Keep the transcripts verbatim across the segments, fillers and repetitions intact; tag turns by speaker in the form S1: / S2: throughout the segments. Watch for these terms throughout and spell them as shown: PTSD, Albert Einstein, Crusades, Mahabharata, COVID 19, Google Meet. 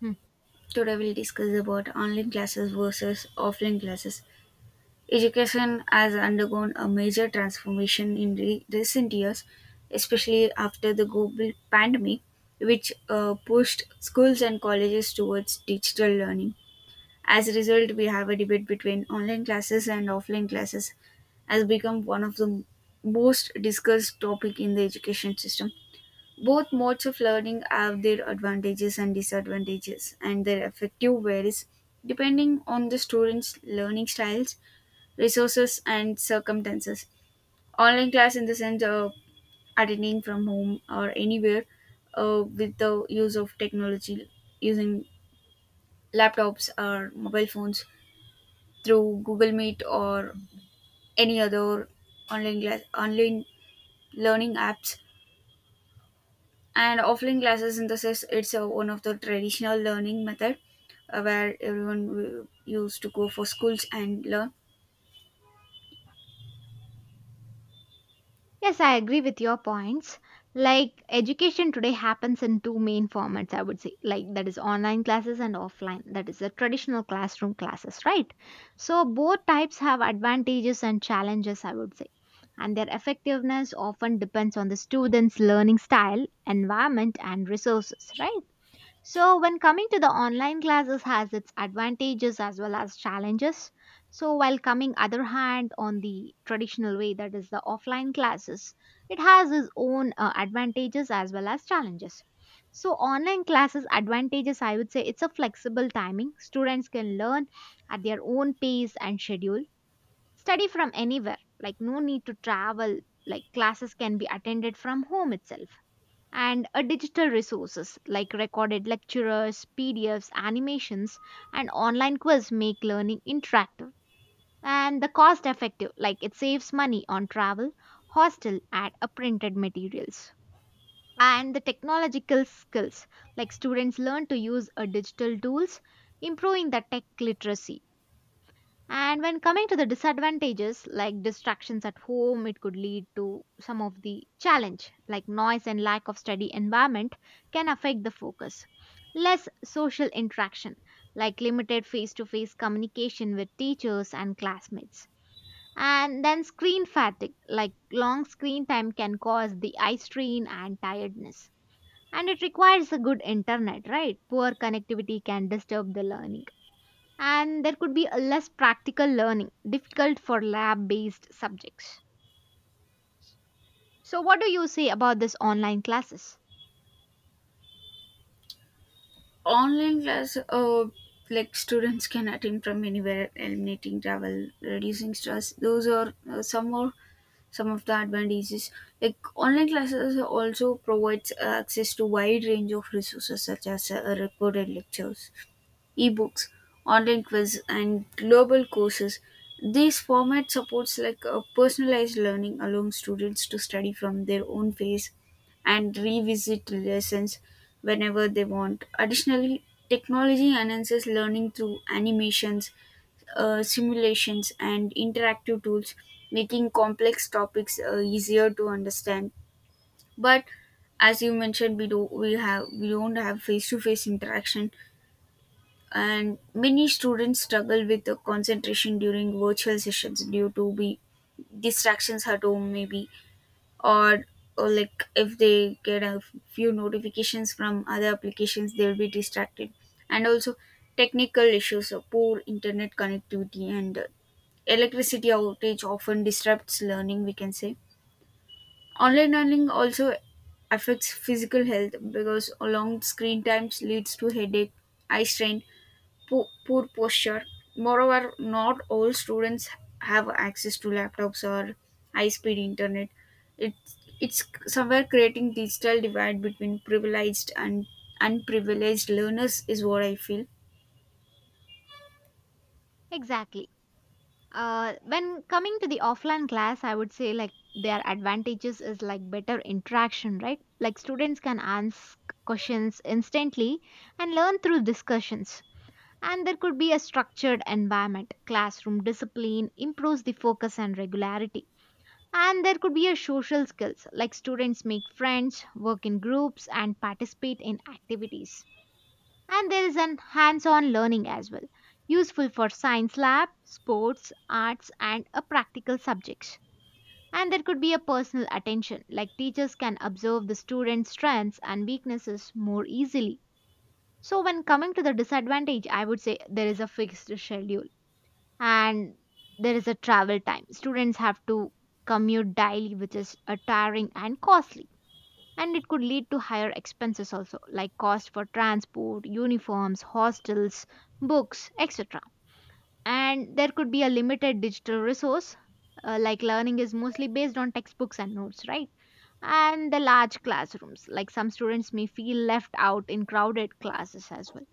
S1: Hmm.
S2: Today we'll discuss about online classes versus offline classes. Education has undergone a major transformation in re- recent years, especially after the global pandemic, which uh, pushed schools and colleges towards digital learning. As a result, we have a debate between online classes and offline classes has become one of the most discussed topic in the education system both modes of learning have their advantages and disadvantages, and their effective varies depending on the student's learning styles, resources, and circumstances. Online class, in the sense of attending from home or anywhere uh, with the use of technology, using laptops or mobile phones through Google Meet or any other online class, online learning apps and offline classes synthesis it's a, one of the traditional learning method uh, where everyone w- used to go for schools and learn
S1: Yes, I agree with your points. Like education today happens in two main formats, I would say. Like that is online classes and offline. That is the traditional classroom classes, right? So both types have advantages and challenges, I would say. And their effectiveness often depends on the student's learning style, environment, and resources, right? So, when coming to the online classes has its advantages as well as challenges. So, while coming other hand on the traditional way that is the offline classes, it has its own uh, advantages as well as challenges. So, online classes advantages I would say it's a flexible timing. Students can learn at their own pace and schedule, study from anywhere, like no need to travel, like classes can be attended from home itself and a digital resources like recorded lecturers, P D Fs, animations, and online quiz make learning interactive and the cost effective like it saves money on travel, hostel and a printed materials. And the technological skills like students learn to use a digital tools, improving the tech literacy. And when coming to the disadvantages like distractions at home, it could lead to some of the challenge like noise and lack of study environment can affect the focus. Less social interaction like limited face to face communication with teachers and classmates. And then screen fatigue like long screen time can cause the eye strain and tiredness. And it requires a good internet, right? Poor connectivity can disturb the learning and there could be a less practical learning difficult for lab based subjects. So what do you say about this online classes?
S2: online class uh, like students can attend from anywhere eliminating travel reducing stress those are uh, some more some of the advantages like online classes also provides uh, access to wide range of resources such as uh, recorded lectures ebooks, online quiz, and global courses. These format supports like a personalized learning, allowing students to study from their own pace and revisit lessons whenever they want. Additionally, technology enhances learning through animations, uh, simulations, and interactive tools, making complex topics uh, easier to understand. But as you mentioned, we do we have we don't have face to face interaction and many students struggle with the concentration during virtual sessions due to be distractions at home maybe or or like if they get a few notifications from other applications they'll be distracted and also technical issues of poor internet connectivity and uh, electricity outage often disrupts learning we can say online learning also affects physical health because long screen times leads to headache eye strain po- poor posture. Moreover, not all students have access to laptops or high-speed internet. It's it's somewhere creating digital divide between privileged and unprivileged learners is what I feel.
S1: Exactly. Uh, when coming to the offline class I would say like their advantages is like better interaction, right? Like students can ask questions instantly and learn through discussions, and there could be a structured environment, classroom discipline improves the focus and regularity. And there could be a social skills like students make friends, work in groups and participate in activities. And there is an hands-on learning as well, useful for science lab, sports, arts and a practical subjects. And there could be a personal attention like teachers can observe the students' strengths and weaknesses more easily. So when coming to the disadvantage, I would say there is a fixed schedule and there is a travel time. Students have to commute daily, which is uh, tiring and costly. And it could lead to higher expenses also, like cost for transport, uniforms, hostels, books, et cetera. And there could be a limited digital resource, uh, like learning is mostly based on textbooks and notes, right? And the large classrooms, like some students may feel left out in crowded classes as well.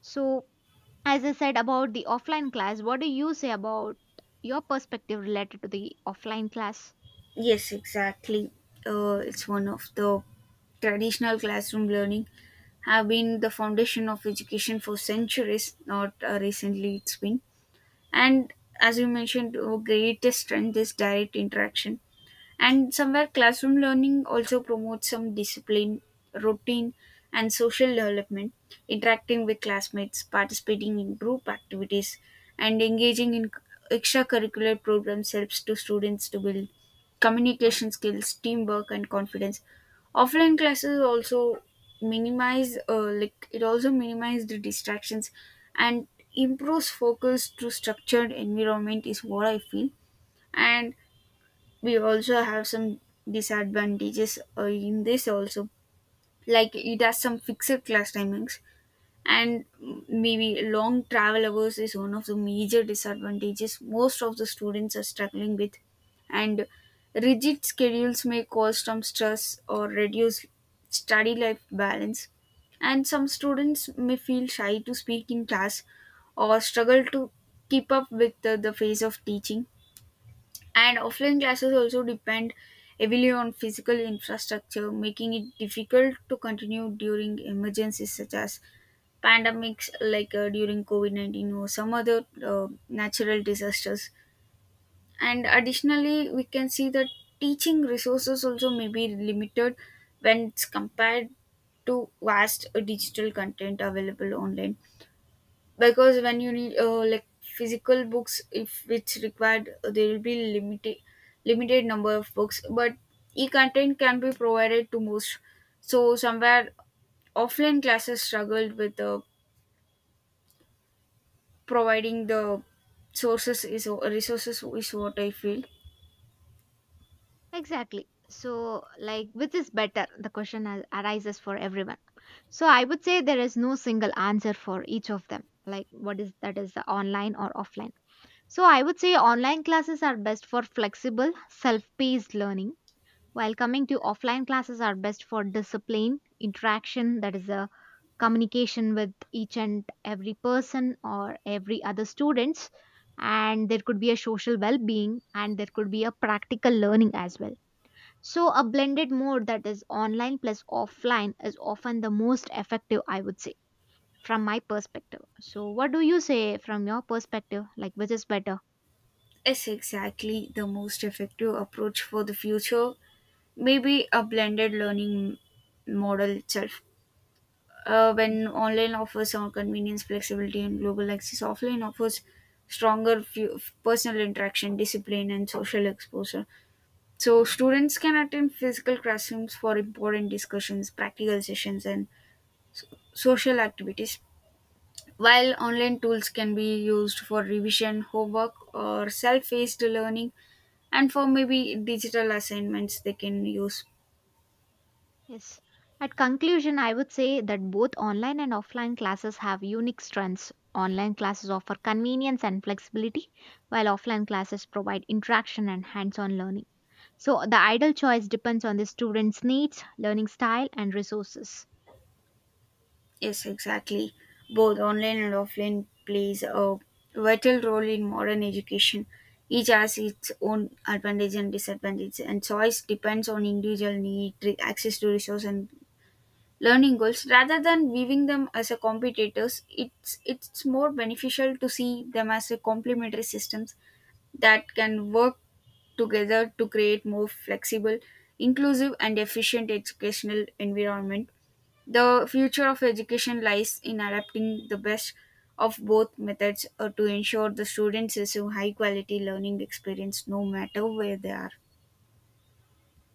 S1: So, as I said about the offline class, what do you say about your perspective related to the offline class?
S2: Yes, exactly. Uh, it's one of the traditional classroom learning have been the foundation of education for centuries, not uh, recently it's been. And as you mentioned, our greatest strength is direct interaction. And somewhere, classroom learning also promotes some discipline, routine, and social development, interacting with classmates, participating in group activities, and engaging in extracurricular programs helps to students to build communication skills, teamwork, and confidence. Offline classes also minimize, uh, like it also minimize the distractions, and improves focus through structured environment is what I feel. And we also have some disadvantages uh, in this also like it has some fixed class timings and maybe long travel hours is one of the major disadvantages most of the students are struggling with and rigid schedules may cause some stress or reduce study life balance and some students may feel shy to speak in class or struggle to keep up with the, the phase of teaching and offline classes also depend heavily on physical infrastructure, making it difficult to continue during emergencies such as pandemics, like uh, during COVID nineteen or some other uh, natural disasters. And additionally, we can see that teaching resources also may be limited when it's compared to vast uh, digital content available online because when you need uh, like physical books if it's required uh, there will be limited limited number of books but e-content can be provided to most so somewhere offline classes struggled with uh, providing the sources is uh, resources is what I feel
S1: Exactly. So, like, which is better? The question ar- arises for everyone. So, I would say there is no single answer for each of them. Like, what is that is the online or offline? So, I would say online classes are best for flexible, self paced learning, while coming to offline classes are best for discipline, interaction, that is a communication with each and every person or every other students, and there could be a social well-being, and there could be a practical learning as well. So a blended mode, that is online plus offline, is often the most effective, I would say, from my perspective. So what do you say from your perspective, like which is better?
S2: is exactly the most effective approach for the future maybe a blended learning model itself. Uh, when online offers some convenience, flexibility, and global access, offline offers stronger fu- personal interaction, discipline, and social exposure. So, students can attend physical classrooms for important discussions, practical sessions, and so- social activities, while online tools can be used for revision, homework, or self paced learning and for maybe digital assignments they can use.
S1: Yes. At conclusion, I would say that both online and offline classes have unique strengths. Online classes offer convenience and flexibility, while offline classes provide interaction and hands on learning. So, the ideal choice depends on the student's needs, learning style, and resources.
S2: Yes, exactly. Both online and offline plays a vital role in modern education. Each has its own advantages and disadvantages, and choice depends on individual need, re- access to resource, and learning goals. Rather than viewing them as a competitors, it's it's more beneficial to see them as a complementary systems that can work together to create more flexible, inclusive, and efficient educational environment the future of education lies in adapting the best of both methods uh, to ensure the students receive high quality learning experience no matter where they are.